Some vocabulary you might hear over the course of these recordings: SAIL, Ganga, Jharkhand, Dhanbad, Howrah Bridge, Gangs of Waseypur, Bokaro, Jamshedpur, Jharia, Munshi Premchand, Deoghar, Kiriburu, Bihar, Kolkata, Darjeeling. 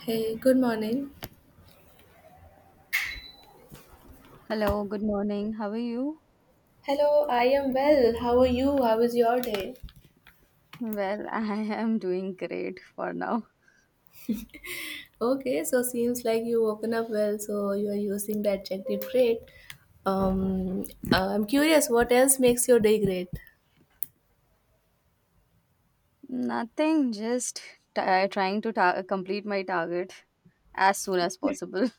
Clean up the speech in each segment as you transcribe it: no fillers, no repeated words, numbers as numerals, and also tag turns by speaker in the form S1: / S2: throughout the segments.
S1: Hey, good morning.
S2: Hello, good morning. How are you?
S1: Hello, I am well. How are you? How is your day?
S2: Well, I am doing great for now.
S1: Okay, so seems like you woken up well, so you are using the adjective great. Um, I'm curious, what else makes your day great?
S2: Nothing, just trying to complete my target as soon as possible.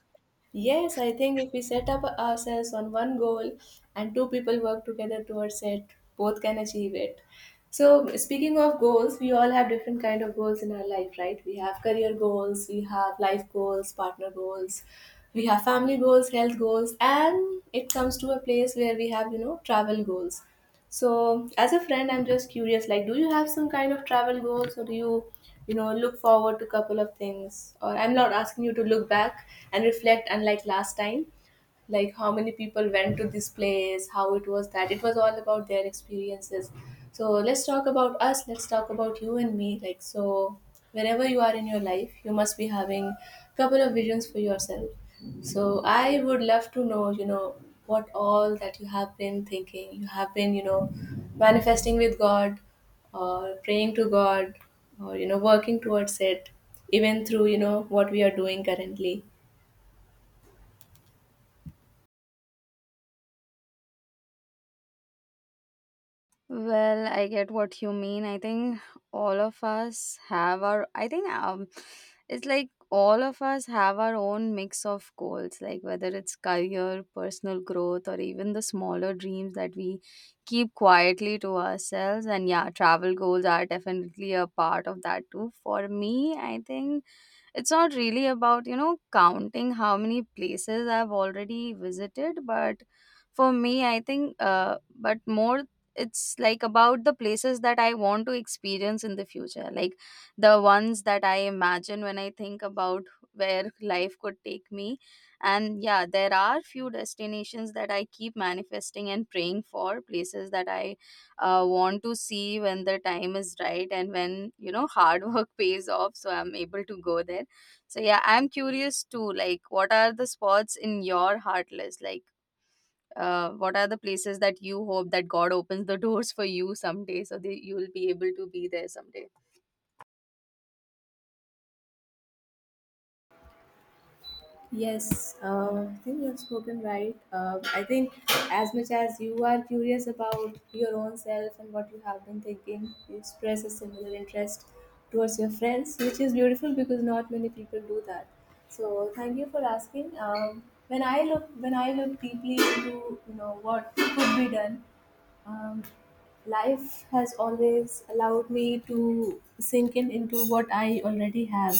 S1: Yes, I think if we set up ourselves on one goal and two people work together towards it, both can achieve it. So speaking of goals, we all have different kind of goals in our life, right? We have career goals, we have life goals, partner goals, we have family goals, health goals, and it comes to a place where we have, you know, travel goals. So, as a friend, I'm just curious, like, do you have some kind of travel goals or do you, you know, look forward to a couple of things? Or I'm not asking you to look back and reflect unlike last time, like how many people went to this place, how it was that. It was all about their experiences. So let's talk about us, let's talk about you and me. Like, so wherever you are in your life, you must be having a couple of visions for yourself. So I would love to know, you know, what all that you have been thinking, you have been, you know, manifesting with God or praying to God or, you know, working towards it, even through, you know, what we are doing currently.
S2: Well, I get what you mean. I think all of us have our I think it's like all of us have our own mix of goals, like whether it's career, personal growth, or even the smaller dreams that we keep quietly to ourselves. And yeah, travel goals are definitely a part of that too. For me, I think it's not really about, you know, counting how many places I've already visited, but for me I think but more it's like about the places that I want to experience in the future, like the ones that I imagine when I think about where life could take me. And yeah, there are few destinations that I keep manifesting and praying for, places that I want to see when the time is right, and when, you know, hard work pays off, so I'm able to go there. So yeah, I'm curious too. Like, what are the spots in your heart list? Like, what are the places that you hope that God opens the doors for you someday, so that you'll be able to be there someday?
S1: Yes, I think you've spoken right. I think as much as you are curious about your own self and what you have been thinking, you express a similar interest towards your friends, which is beautiful because not many people do that. So thank you for asking. When I look, when I look deeply into you know what could be done, um, life has always allowed me to sink in into what I already have.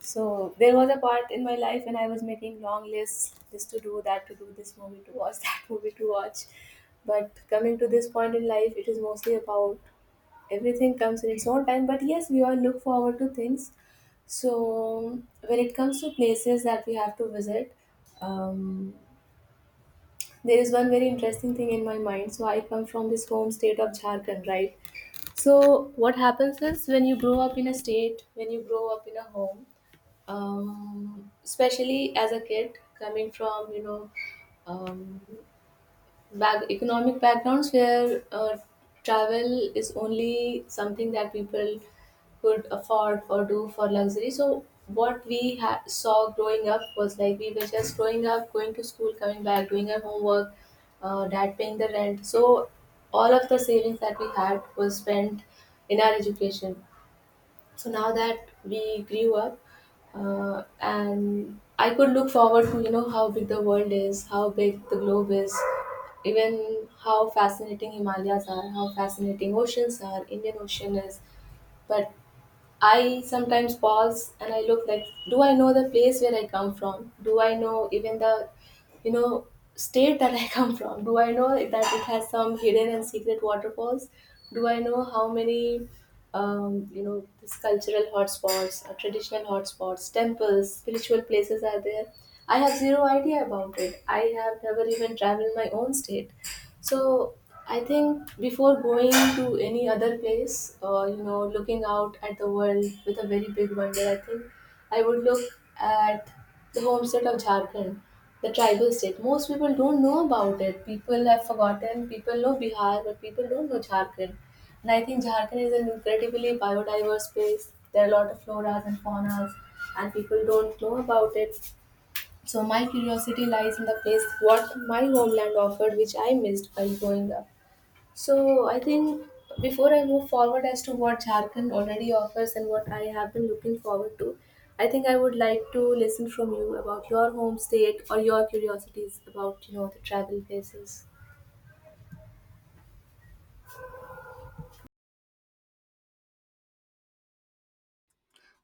S1: So there was a part in my life when I was making long lists, this to do, that to do, this movie to watch, that movie to watch. But coming to this point in life, it is mostly about everything comes in its own time. But yes, we all look forward to things. So when it comes to places that we have to visit, um, there is one very interesting thing in my mind. So I come from this home state of Jharkhand, right? So what happens is when you grow up in a state, when you grow up in a home, especially as a kid coming from you know um, back economic backgrounds where travel is only something that people could afford or do for luxury. So what saw growing up was like we were just growing up, going to school, coming back, doing our homework, dad paying the rent. So all of the savings that we had was spent in our education. So now that we grew up, and I could look forward to, you know, how big the world is, how big the globe is, even how fascinating Himalayas are, how fascinating oceans are, Indian Ocean is, but I sometimes pause and I look like, do I know the place where I come from? Do I know even the, you know, state that I come from? Do I know that it has some hidden and secret waterfalls? Do I know how many, you know, these cultural hotspots, or traditional hotspots, temples, spiritual places are there? I have zero idea about it. I have never even traveled my own state. So I think before going to any other place, or you know, looking out at the world with a very big wonder, I think I would look at the home state of Jharkhand, the tribal state. Most people don't know about it. People have forgotten. People know Bihar, but people don't know Jharkhand. And I think Jharkhand is an incredibly biodiverse place. There are a lot of floras and faunas, and people don't know about it. So my curiosity lies in the place what my homeland offered, which I missed while growing up. So I think before I move forward as to what Jharkhand already offers and what I have been looking forward to, I think I would like to listen from you about your home state or your curiosities about you know the travel places.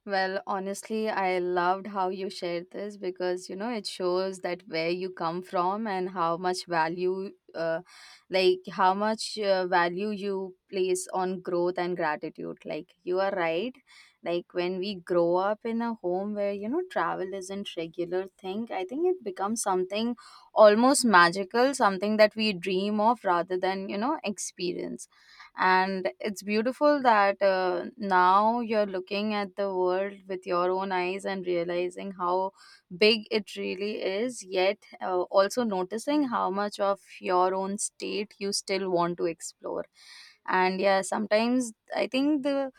S2: Well, honestly, I loved how you shared this, because you know it shows that where you come from and how much value, like how much value you place on growth and gratitude. Like, you are right. Like, when we grow up in a home where, you know, travel isn't regular thing, I think it becomes something almost magical, something that we dream of rather than, you know, experience. And it's beautiful that, now you're looking at the world with your own eyes and realizing how big it really is, yet also noticing how much of your own state you still want to explore. And yeah, sometimes i think the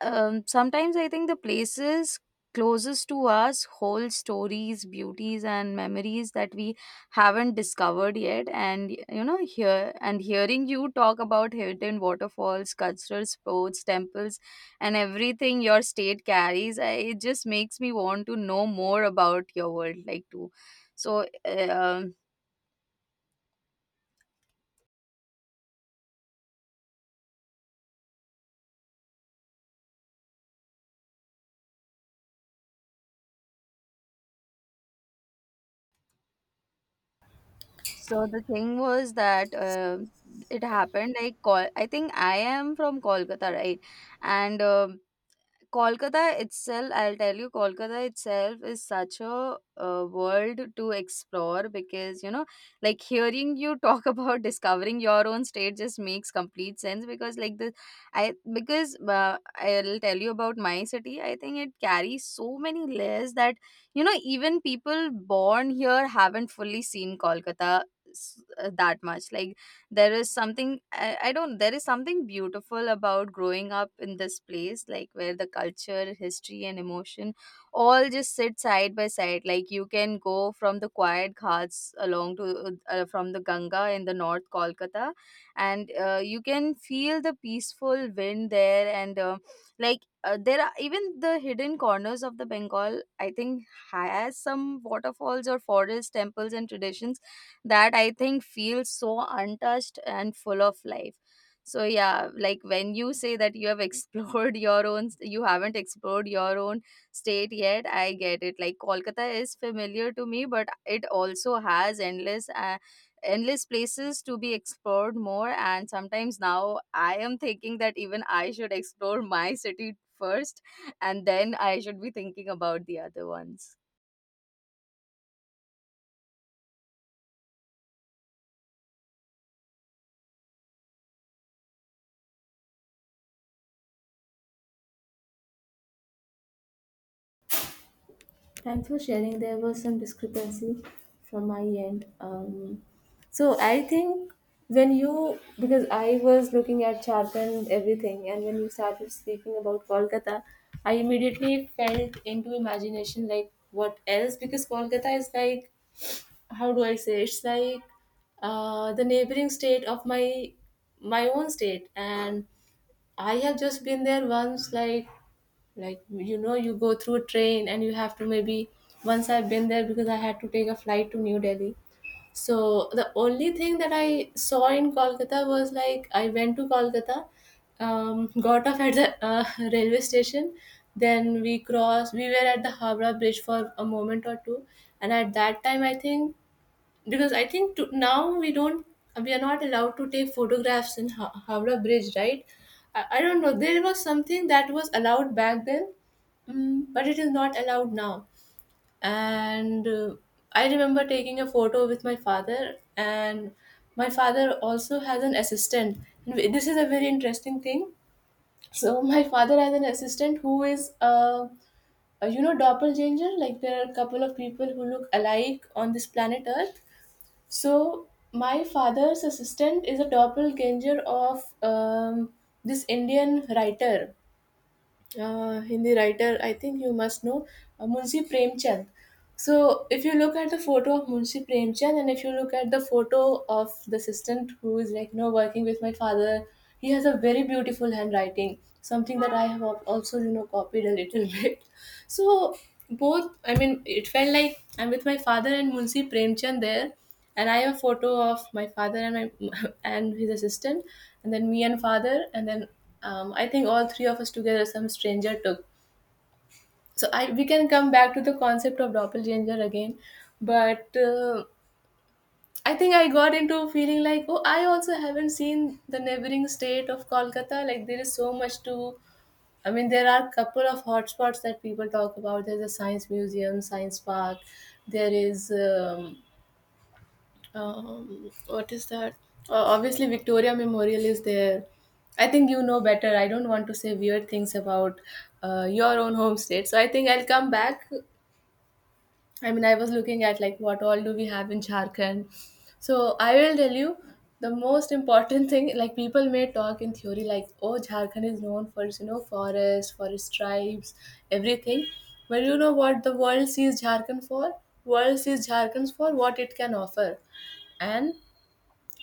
S2: um, sometimes I think the places closest to us hold stories, beauties, and memories that we haven't discovered yet. And you know, here and hearing you talk about hidden waterfalls, cultural sports, temples, and everything your state carries, it just makes me want to know more about your world, like, too. So, eh, so the thing was that it happened like Kol- I think I am from Kolkata, right? and Kolkata itself, I'll tell you, Kolkata itself is such a world to explore, because, you know, like, hearing you talk about discovering your own state just makes complete sense, because, like, the I because I'll tell you about my city. I think it carries so many layers that, you know, even people born here haven't fully seen Kolkata that much. Like, there is something I don't there is something beautiful about growing up in this place, like, where the culture, history, and emotion all just sit side by side. Like, you can go from the quiet ghats along to, from the Ganga in the North Kolkata, and you can feel the peaceful wind there. And there are even the hidden corners of the Bengal, I think, has some waterfalls or forest temples and traditions that I think feels so untouched and full of life. So yeah, like, when you say that you have explored your own, you haven't explored your own state yet, I get it. Like, Kolkata is familiar to me, but it also has endless, endless places to be explored more. And sometimes now I am thinking that even I should explore my city first, and then I should be thinking about the other ones.
S1: Thanks for sharing. There was some discrepancy from my end. So I think when you, because I was looking at Chark and everything, and when you started speaking about Kolkata, I immediately felt into imagination like what else? Because Kolkata is like, how do I say? It's like the neighboring state of my own state, and I have just been there once, like you know you go through a train and you have to maybe once I've been there because I had to take a flight to New Delhi. So the only thing that I saw in Kolkata was like I went to Kolkata, got off at the railway station, then we crossed, we were at the Habra bridge for a moment or two. And at that time I think, because I think to, now we don't, we are not allowed to take photographs in Howrah Bridge, right? I don't know. There was something that was allowed back then, mm, but it is not allowed now. And I remember taking a photo with my father, and my father also has an assistant. This is a very interesting thing. So my father has an assistant who is a, you know, doppelganger, like there are a couple of people who look alike on this planet earth. So my father's assistant is a doppelganger of this Indian writer, Hindi writer. I think you must know Munshi Premchand. So if you look at the photo of Munshi Premchand and if you look at the photo of the assistant who is like you know working with my father, he has a very beautiful handwriting. Something that I have also you know copied a little bit. So both, I mean, it felt like I'm with my father and Munshi Premchand there, and I have a photo of my father and my and his assistant, and then me and father, and then I think all three of us together some stranger took. So I, we can come back to the concept of doppelganger again, but I think I got into feeling like, oh, I also haven't seen the neighboring state of Kolkata. Like there is so much to. I mean, there are a couple of hotspots that people talk about. There's a science museum, science park. There is um, what is that, obviously Victoria Memorial is there. I think you know better, I don't want to say weird things about your own home state, so I think I'll come back. I mean, I was looking at like what all do we have in Jharkhand. So I will tell you the most important thing, like people may talk in theory like, oh, Jharkhand is known for its, you know, forest, for tribes, everything. But you know what the world sees Jharkhand for? World sees Jharkhand for what it can offer. And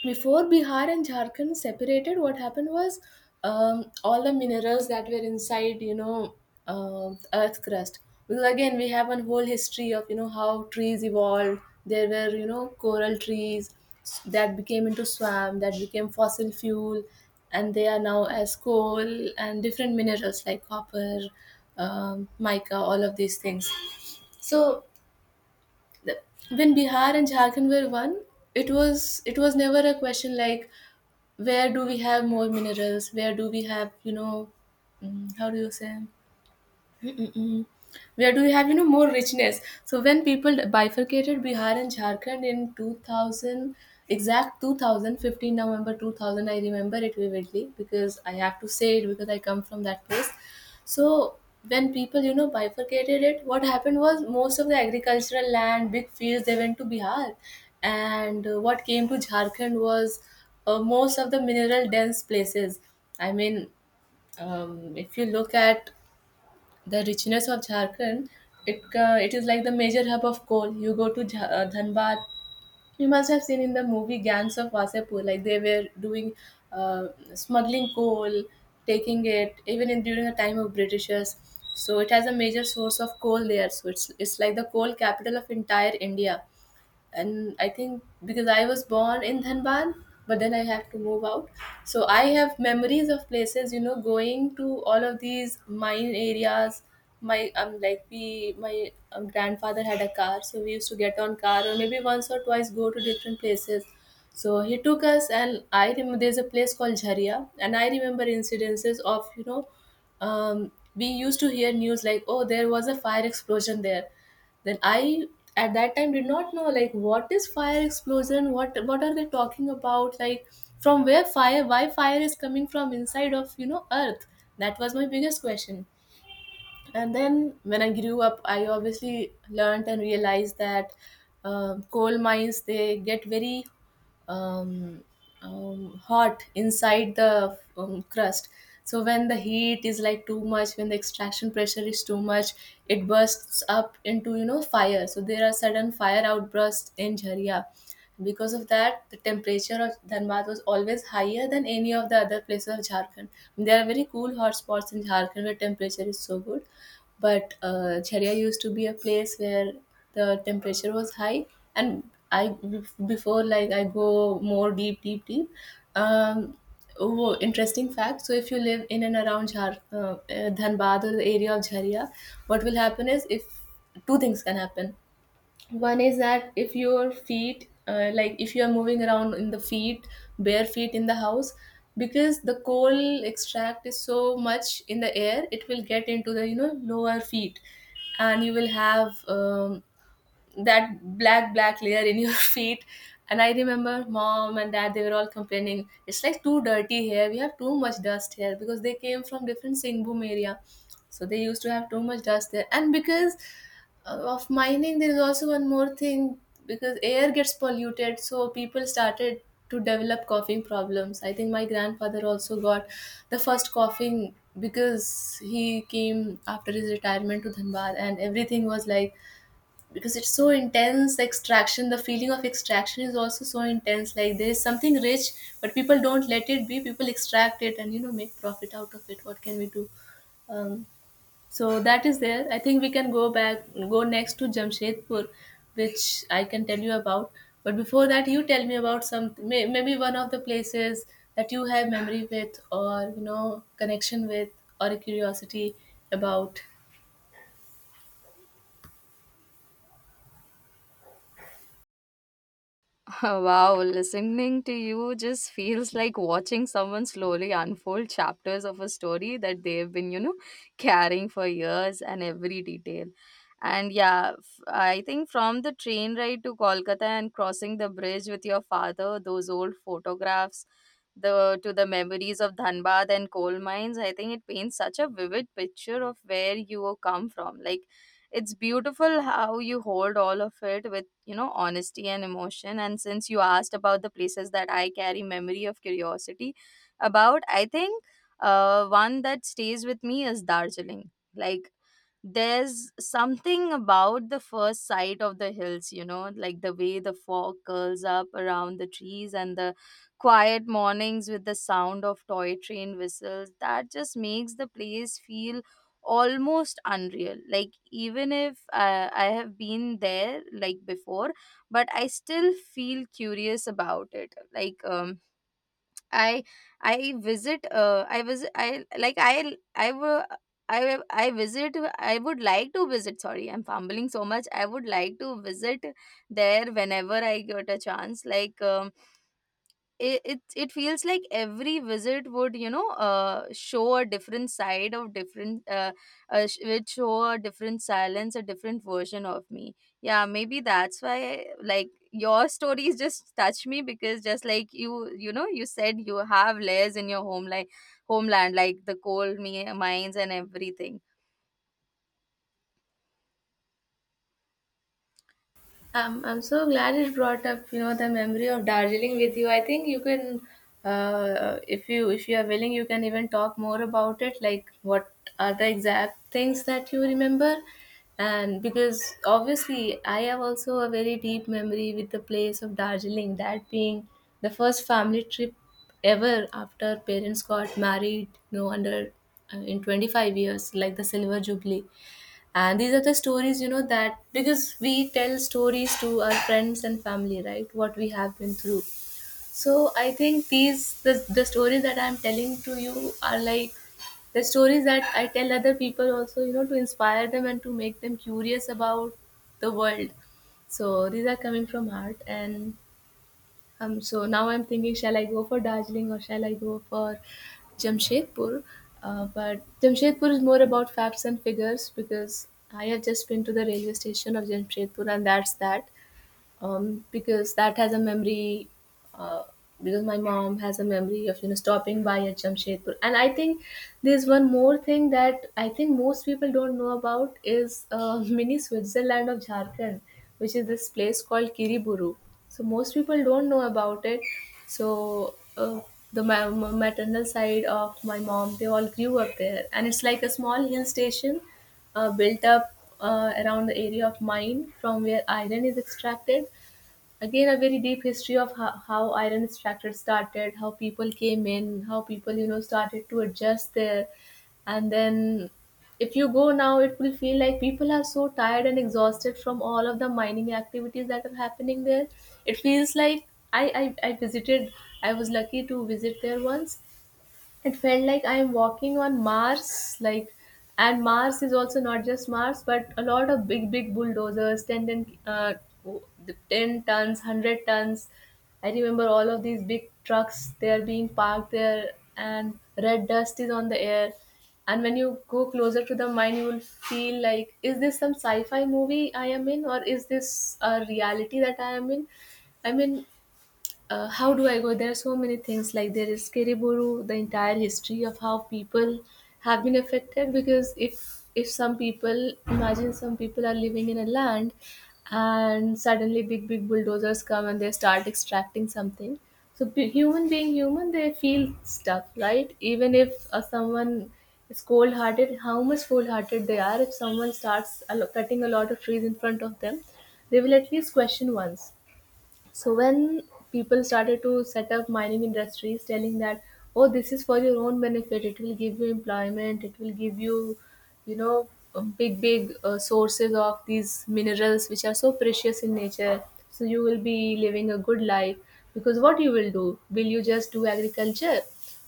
S1: before Bihar and Jharkhand separated, what happened was, all the minerals that were inside, you know, um, earth crust. Because again, we have a whole history of you know how trees evolved. There were you know coral trees that became into swamp, that became fossil fuel, and they are now as coal and different minerals like copper, mica, all of these things. So the, when Bihar and Jharkhand were one, it was never a question like where do we have more minerals, where do we have you know, mm, how do you say, where do we have you know more richness. So when people bifurcated Bihar and Jharkhand in 2000, exact 2015 November 2000, I remember it vividly because I have to say it because I come from that place. So when people you know bifurcated it, what happened was most of the agricultural land, big fields, they went to Bihar. And what came to Jharkhand was most of the mineral dense places. I mean, um, if you look at the richness of Jharkhand, it is like the major hub of coal. You go to Dhanbad, you must have seen in the movie Gangs of Wasepur, like they were doing uh, smuggling coal, taking it even in during the time of Britishers. So it has a major source of coal there. So it's like the coal capital of entire India. And I think because I was born in Dhanbad, but then I have to move out. So I have memories of places, you know, going to all of these mine areas. My like we my grandfather had a car, so we used to get on car or maybe once or twice go to different places. So he took us, and I remember there's a place called Jharia, and I remember incidences of we used to hear news like, oh, there was a fire explosion there then I at that time did not know like what is fire explosion what are they talking about like from where fire why fire is coming from inside of you know earth. That was my biggest question. And then when I grew up I obviously learned and realized that coal mines they get very um, hot inside the crust. So when the heat is like too much, when the extraction pressure is too much, it bursts up into you know fire. So there are sudden fire outbursts in Jharia. Because of that, the temperature of Dhanbad was always higher than any of the other places of Jharkhand. There are very cool hot spots in Jharkhand where temperature is so good. But Cheria used to be a place where the temperature was high, and I before like I go more deep, deep, deep. Um, oh, interesting fact. So if you live in and around Dhanbad or the area of Jharia, what will happen is if two things can happen. One is that if your feet like if you are moving around in the feet, bare feet in the house, because the coal extract is so much in the air it will get into the you know lower feet and you will have that black layer in your feet. And I remember mom and dad they were all complaining, it's like too dirty here, we have too much dust here, because they came from different Singboom area. So they used to have too much dust there. And because of mining there is also one more thing. Because air gets polluted so people started to develop coughing problems. I think my grandfather also got the first coughing because he came after his retirement to Dhanbad and everything was like, because it's so intense extraction, the feeling of extraction is also so intense, like there is something rich but people don't let it be, people extract it and you know make profit out of it. What can we do? um, so that is there. I think we can go back, go next to Jamshedpur, which I can tell you about. But before that you tell me about maybe one of the places that you have memory with or you know connection with, or a curiosity about.
S2: Wow, listening to you just feels like watching someone slowly unfold chapters of a story that they've been, you know, carrying for years, and every detail. And yeah, I think from the train ride to Kolkata and crossing the bridge with your father, those old photographs, the memories of Dhanbad and coal mines, I think it paints such a vivid picture of where you come from. Like, it's beautiful how you hold all of it with, you know, honesty and emotion. And since you asked about the places that I carry memory of curiosity about, I think one that stays with me is Darjeeling. Like, there's something about the first sight of the hills, you know, like the way the fog curls up around the trees, and the quiet mornings with the sound of toy train whistles, that just makes the place feel almost unreal. Like, even if I have been there like before, but I still feel curious about it. Like, I I visit I visit I like I were I visit I would like to visit, sorry, I'm fumbling so much, I would like to visit there whenever I get a chance. Like, it, it it feels like every visit would, you know, show a different side of would show a different silence, a different version of me. Yeah, maybe that's why, like, your stories just touch me, because just like you know, you said you have layers in your home, like homeland, like the mines and everything.
S1: I'm so glad it brought up, you know, the memory of Darjeeling with you. I think you can, if you are willing, you can even talk more about it. Like, what are the exact things that you remember? And because obviously, I have also a very deep memory with the place of Darjeeling. That being the first family trip ever after parents got married, you know, under in 25 years, like the Silver Jubilee. And these are the stories, you know, that because we tell stories to our friends and family, right? What we have been through. So I think the stories that I'm telling to you are like the stories that I tell other people also, you know, to inspire them and to make them curious about the world. So these are coming from heart. And so now I'm thinking, shall I go for Darjeeling or shall I go for Jamshedpur? But Jamshedpur is more about facts and figures because I have just been to the railway station of Jamshedpur, and that's that. Because that has a memory, uh, because my mom has a memory of you know stopping by at Jamshedpur. And I think there's one more thing that I think most people don't know about is mini Switzerland of Jharkhand, which is this place called Kiriburu. So most people don't know about it. So the maternal side of my mom, they all grew up there, and it's like a small hill station built up around the area of mine from where iron is extracted. Again, a very deep history of how iron extracted started, how people came in, how people, you know, started to adjust there. And then if you go now, it will feel like people are so tired and exhausted from all of the mining activities that are happening there. It feels like I visited, I was lucky to visit there once. It felt like I'm walking on Mars. Like, and Mars is also not just Mars but a lot of big bulldozers. 10 10 tons, 100 tons. I remember all of these big trucks, they are being parked there and red dust is on the air. And when you go closer to the mine you will feel like, is this some sci-fi movie I am in, or is this a reality that I am in? I mean, how do I go? There are so many things. Like there is Kiriburu, the entire history of how people have been affected. Because if some people imagine, some people are living in a land and suddenly big bulldozers come and they start extracting something. So human being human, they feel stuff, right? Even if someone is cold hearted, how much cold hearted they are, if someone starts cutting a lot of trees in front of them, they will at least question once. So when people started to set up mining industries telling that, oh this is for your own benefit, it will give you employment, it will give you you know big sources of these minerals which are so precious in nature, so you will be living a good life, because what you will do, will you just do agriculture?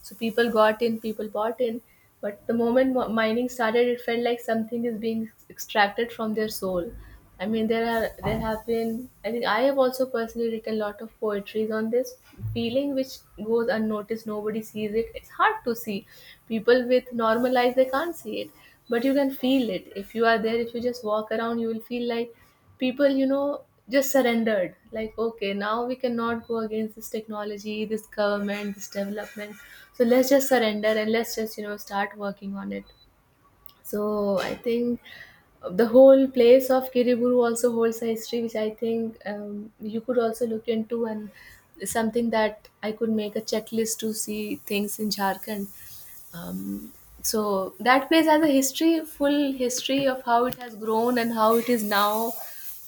S1: So people got in, people bought in. But the moment mining started, it felt like something is being extracted from their soul. I mean, there are, there have been. I think I have also personally written a lot of poetries on this feeling, which goes unnoticed. Nobody sees it. It's hard to see. People with normal eyes they can't see it, but you can feel it. If you are there, if you just walk around, you will feel like people you know just surrendered, like okay now we cannot go against this technology, this government, this development, so let's just surrender and let's just you know start working on it. So I think the whole place of Kiriburu also holds a history which I think you could also look into, and something that I could make a checklist to see things in Jharkhand. um, so that place has a history, full history of how it has grown and how it is now.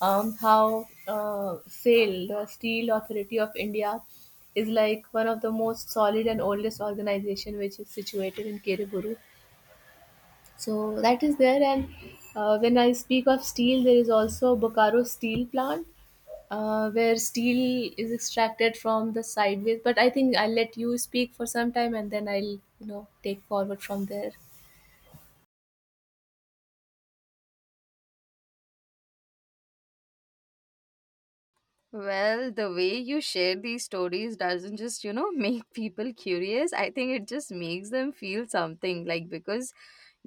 S1: How SAIL, the Steel Authority of India, is like one of the most solid and oldest organization which is situated in Kiriburu. So that is there. And when I speak of steel, there is also Bokaro steel plant where steel is extracted from the sideways. But I think I'll let you speak for some time and then I'll, you know, take forward from there.
S2: Well, the way you share these stories doesn't just, you know, make people curious. I think it just makes them feel something, like, because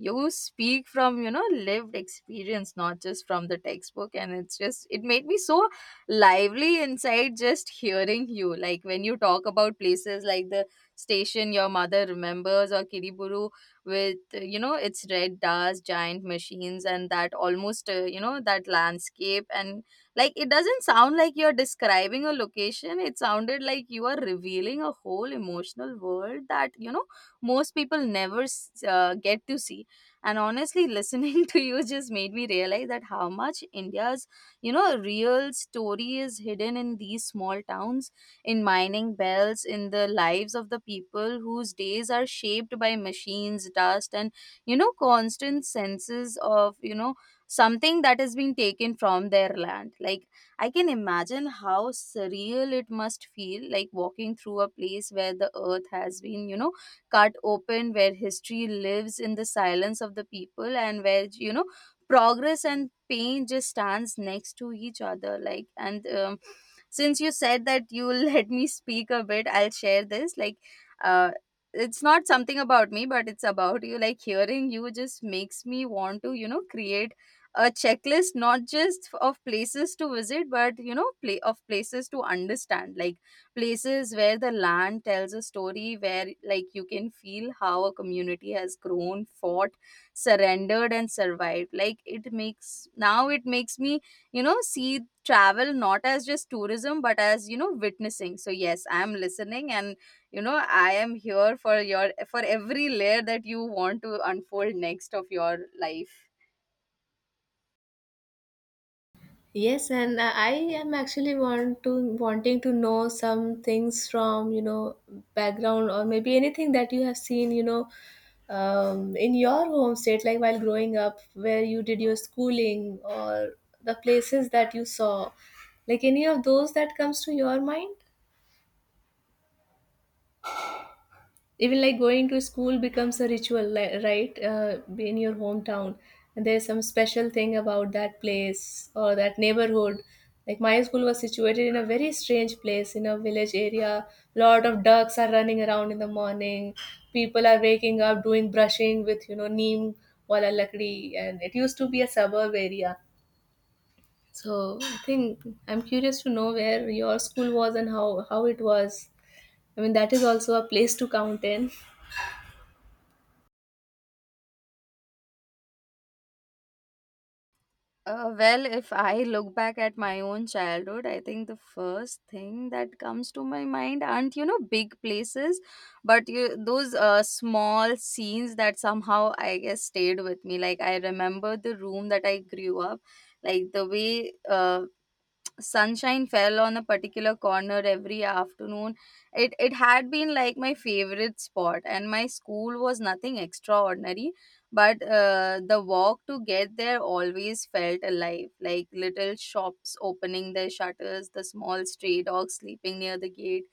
S2: you speak from, you know, lived experience, not just from the textbook. And it's just, it made me so lively inside just hearing you. Like, when you talk about places like the station your mother remembers, or Kiriburu with, you know, its red dust, giant machines, and that almost, you know, that landscape. And, like, it doesn't sound like you're describing a location. It sounded like you are revealing a whole emotional world that, you know, most people never get to see. And honestly, listening to you just made me realize that how much India's, you know, real story is hidden in these small towns, in mining bells, in the lives of the people whose days are shaped by machines, dust, and, you know, constant senses of, you know, something that has been taken from their land. Like, I can imagine how surreal it must feel, like walking through a place where the earth has been, you know, cut open, where history lives in the silence of the people, and where, you know, progress and pain just stands next to each other. Like, and since you said that you'll let me speak a bit, I'll share this. Like, uh it's not something about me, but it's about you. Like, hearing you just makes me want to, you know, create a checklist, not just of places to visit, but, you know, play of places to understand. Like, places where the land tells a story, where, like, you can feel how a community has grown, fought, surrendered, and survived. Like, it makes me, you know, see travel not as just tourism, but as, you know, witnessing. So yes, I am listening, and, you know, I am here for your, for every layer that you want to unfold next of your life.
S1: Yes, and I am actually want to wanting to know some things from you know background or maybe anything that you have seen, you know, in your home state, like while growing up, where you did your schooling or the places that you saw, like any of those that comes to your mind. Even like going to school becomes a ritual, right? Be in your hometown and there's some special thing about that place or that neighborhood. Like my school was situated in a very strange place in a village area, lot of ducks are running around in the morning, people are waking up doing brushing with you know neem wala lakdi, and it used to be a suburb area. So I think I'm curious to know where your school was and how it was. I mean that is also a place to count in.
S2: Well, if I look back at my own childhood, I think the first thing that comes to my mind aren't, you know, big places, but you those small scenes that somehow I guess stayed with me. Like, I remember the room that I grew up, like the way sunshine fell on a particular corner every afternoon. It had been like my favorite spot, and my school was nothing extraordinary, but the walk to get there always felt alive, like little shops opening their shutters, the small stray dogs sleeping near the gate,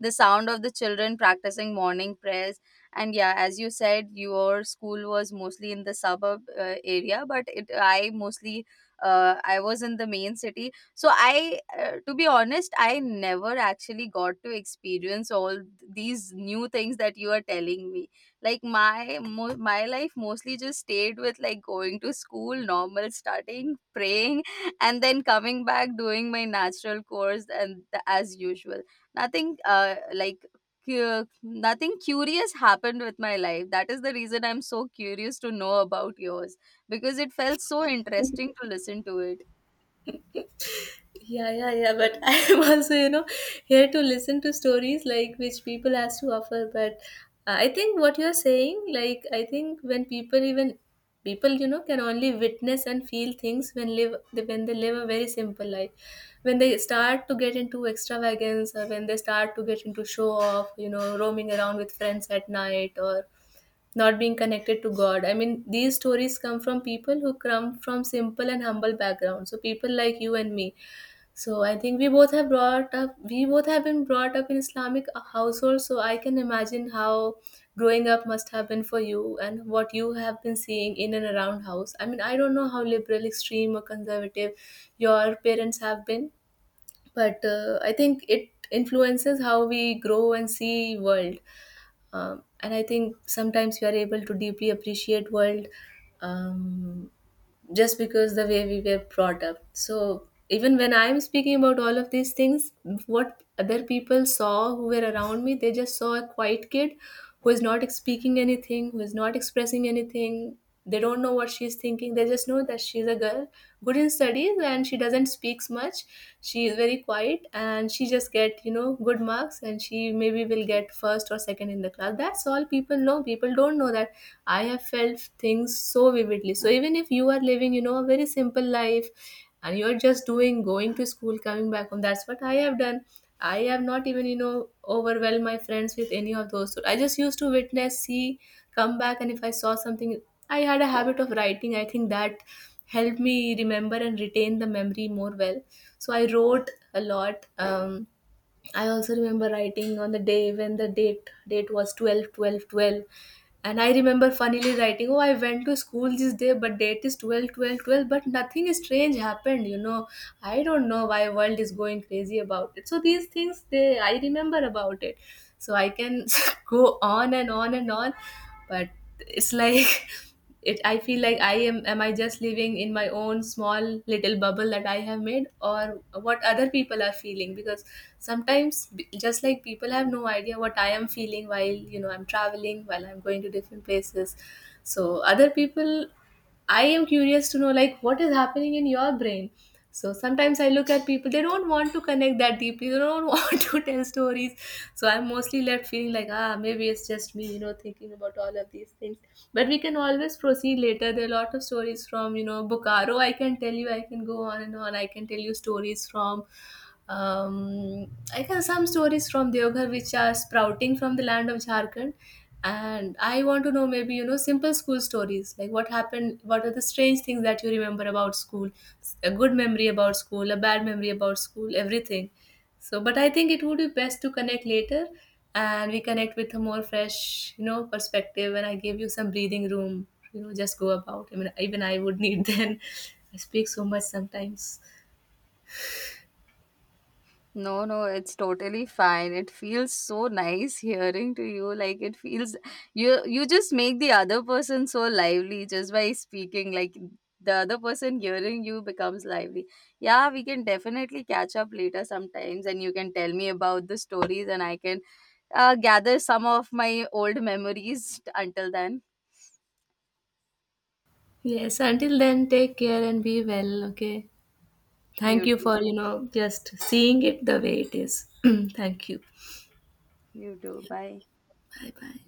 S2: the sound of the children practicing morning prayers. And yeah, as you said, your school was mostly in the suburb area, but it I mostly I was in the main city, so I to be honest, I never actually got to experience all these new things that you are telling me. Like, my life mostly just stayed with, like, going to school, normal, starting, praying, and then coming back, doing my natural course, and as usual. Nothing, like, nothing curious happened with my life. That is the reason I'm so curious to know about yours, because it felt so interesting to listen to it.
S1: Yeah, yeah, yeah. But I am also, you know, here to listen to stories like which people has to offer. But I think what you're saying, like I think when people, even people, you know, can only witness and feel things when live when they live a very simple life. When they start to get into extravagance or when they start to get into show off, you know, roaming around with friends at night, or not being connected to God. I mean, these stories come from people who come from simple and humble backgrounds. So people like you and me, so I think we both have been brought up in Islamic households, so I can imagine how growing up must have been for you and what you have been seeing in and around house. I mean, I don't know how liberal, extreme or conservative your parents have been, but I think it influences how we grow and see world. And I think sometimes we are able to deeply appreciate world, um, just because the way we were brought up. So even when I'm speaking about all of these things, what other people saw who were around me, they just saw a quiet kid who is not speaking anything, who is not expressing anything. They don't know what she's thinking. They just know that she's a girl good in studies, and she doesn't speaks much. She is very quiet, and she just get good marks, and she maybe will get first or second in the class. That's all people know. People don't know that I have felt things so vividly. So even if you are living a very simple life, and you're just doing going to school, coming back home, that's what I have done. I have not even overwhelmed my friends with any of those. So I just used to witness see, come back, and if I saw something, I had a habit of writing. I think that helped me remember and retain the memory more well. So I wrote a lot. I also remember writing on the day when the date was 12/12/12, and I remember funnily writing, oh, I went to school this day, but date is 12/12/12, but nothing strange happened. I don't know why world is going crazy about it. So these things, they I remember about it. So I can go on and on and on, but it's like it I feel like I am I just living in my own small little bubble that I have made, or what other people are feeling. Because sometimes just like people have no idea what I am feeling while, I'm traveling, while I'm going to different places. So other people I am curious to know like what is happening in your brain. So sometimes I look at people, they don't want to connect that deeply, they don't want to tell stories. So I'm mostly left feeling like, ah, maybe it's just thinking about all of these things. But we can always proceed later. There are a lot of stories from, Bokaro. I can tell you, I can go on and on. I can tell you stories from I can some stories from Deoghar, which are sprouting from the land of Jharkhand, and I want to know maybe simple school stories like what happened, what are the strange things that you remember about school, a good memory about school, a bad memory about school, everything. So, but I think it would be best to connect later, and we connect with a more fresh perspective, and I give you some breathing room. Just go about. I mean, even I would need then. I speak so much sometimes.
S2: No, no, it's totally fine. It feels so nice hearing to you. Like, it feels you just make the other person so lively just by speaking. Like, the other person hearing you becomes lively. Yeah, we can definitely catch up later sometimes, and you can tell me about the stories, and I can gather some of my old memories until then.
S1: Yes, until then, take care and be well, okay? Thank
S2: You
S1: you for just seeing it the way it is. Thank you.
S2: you too. Bye.
S1: Bye bye.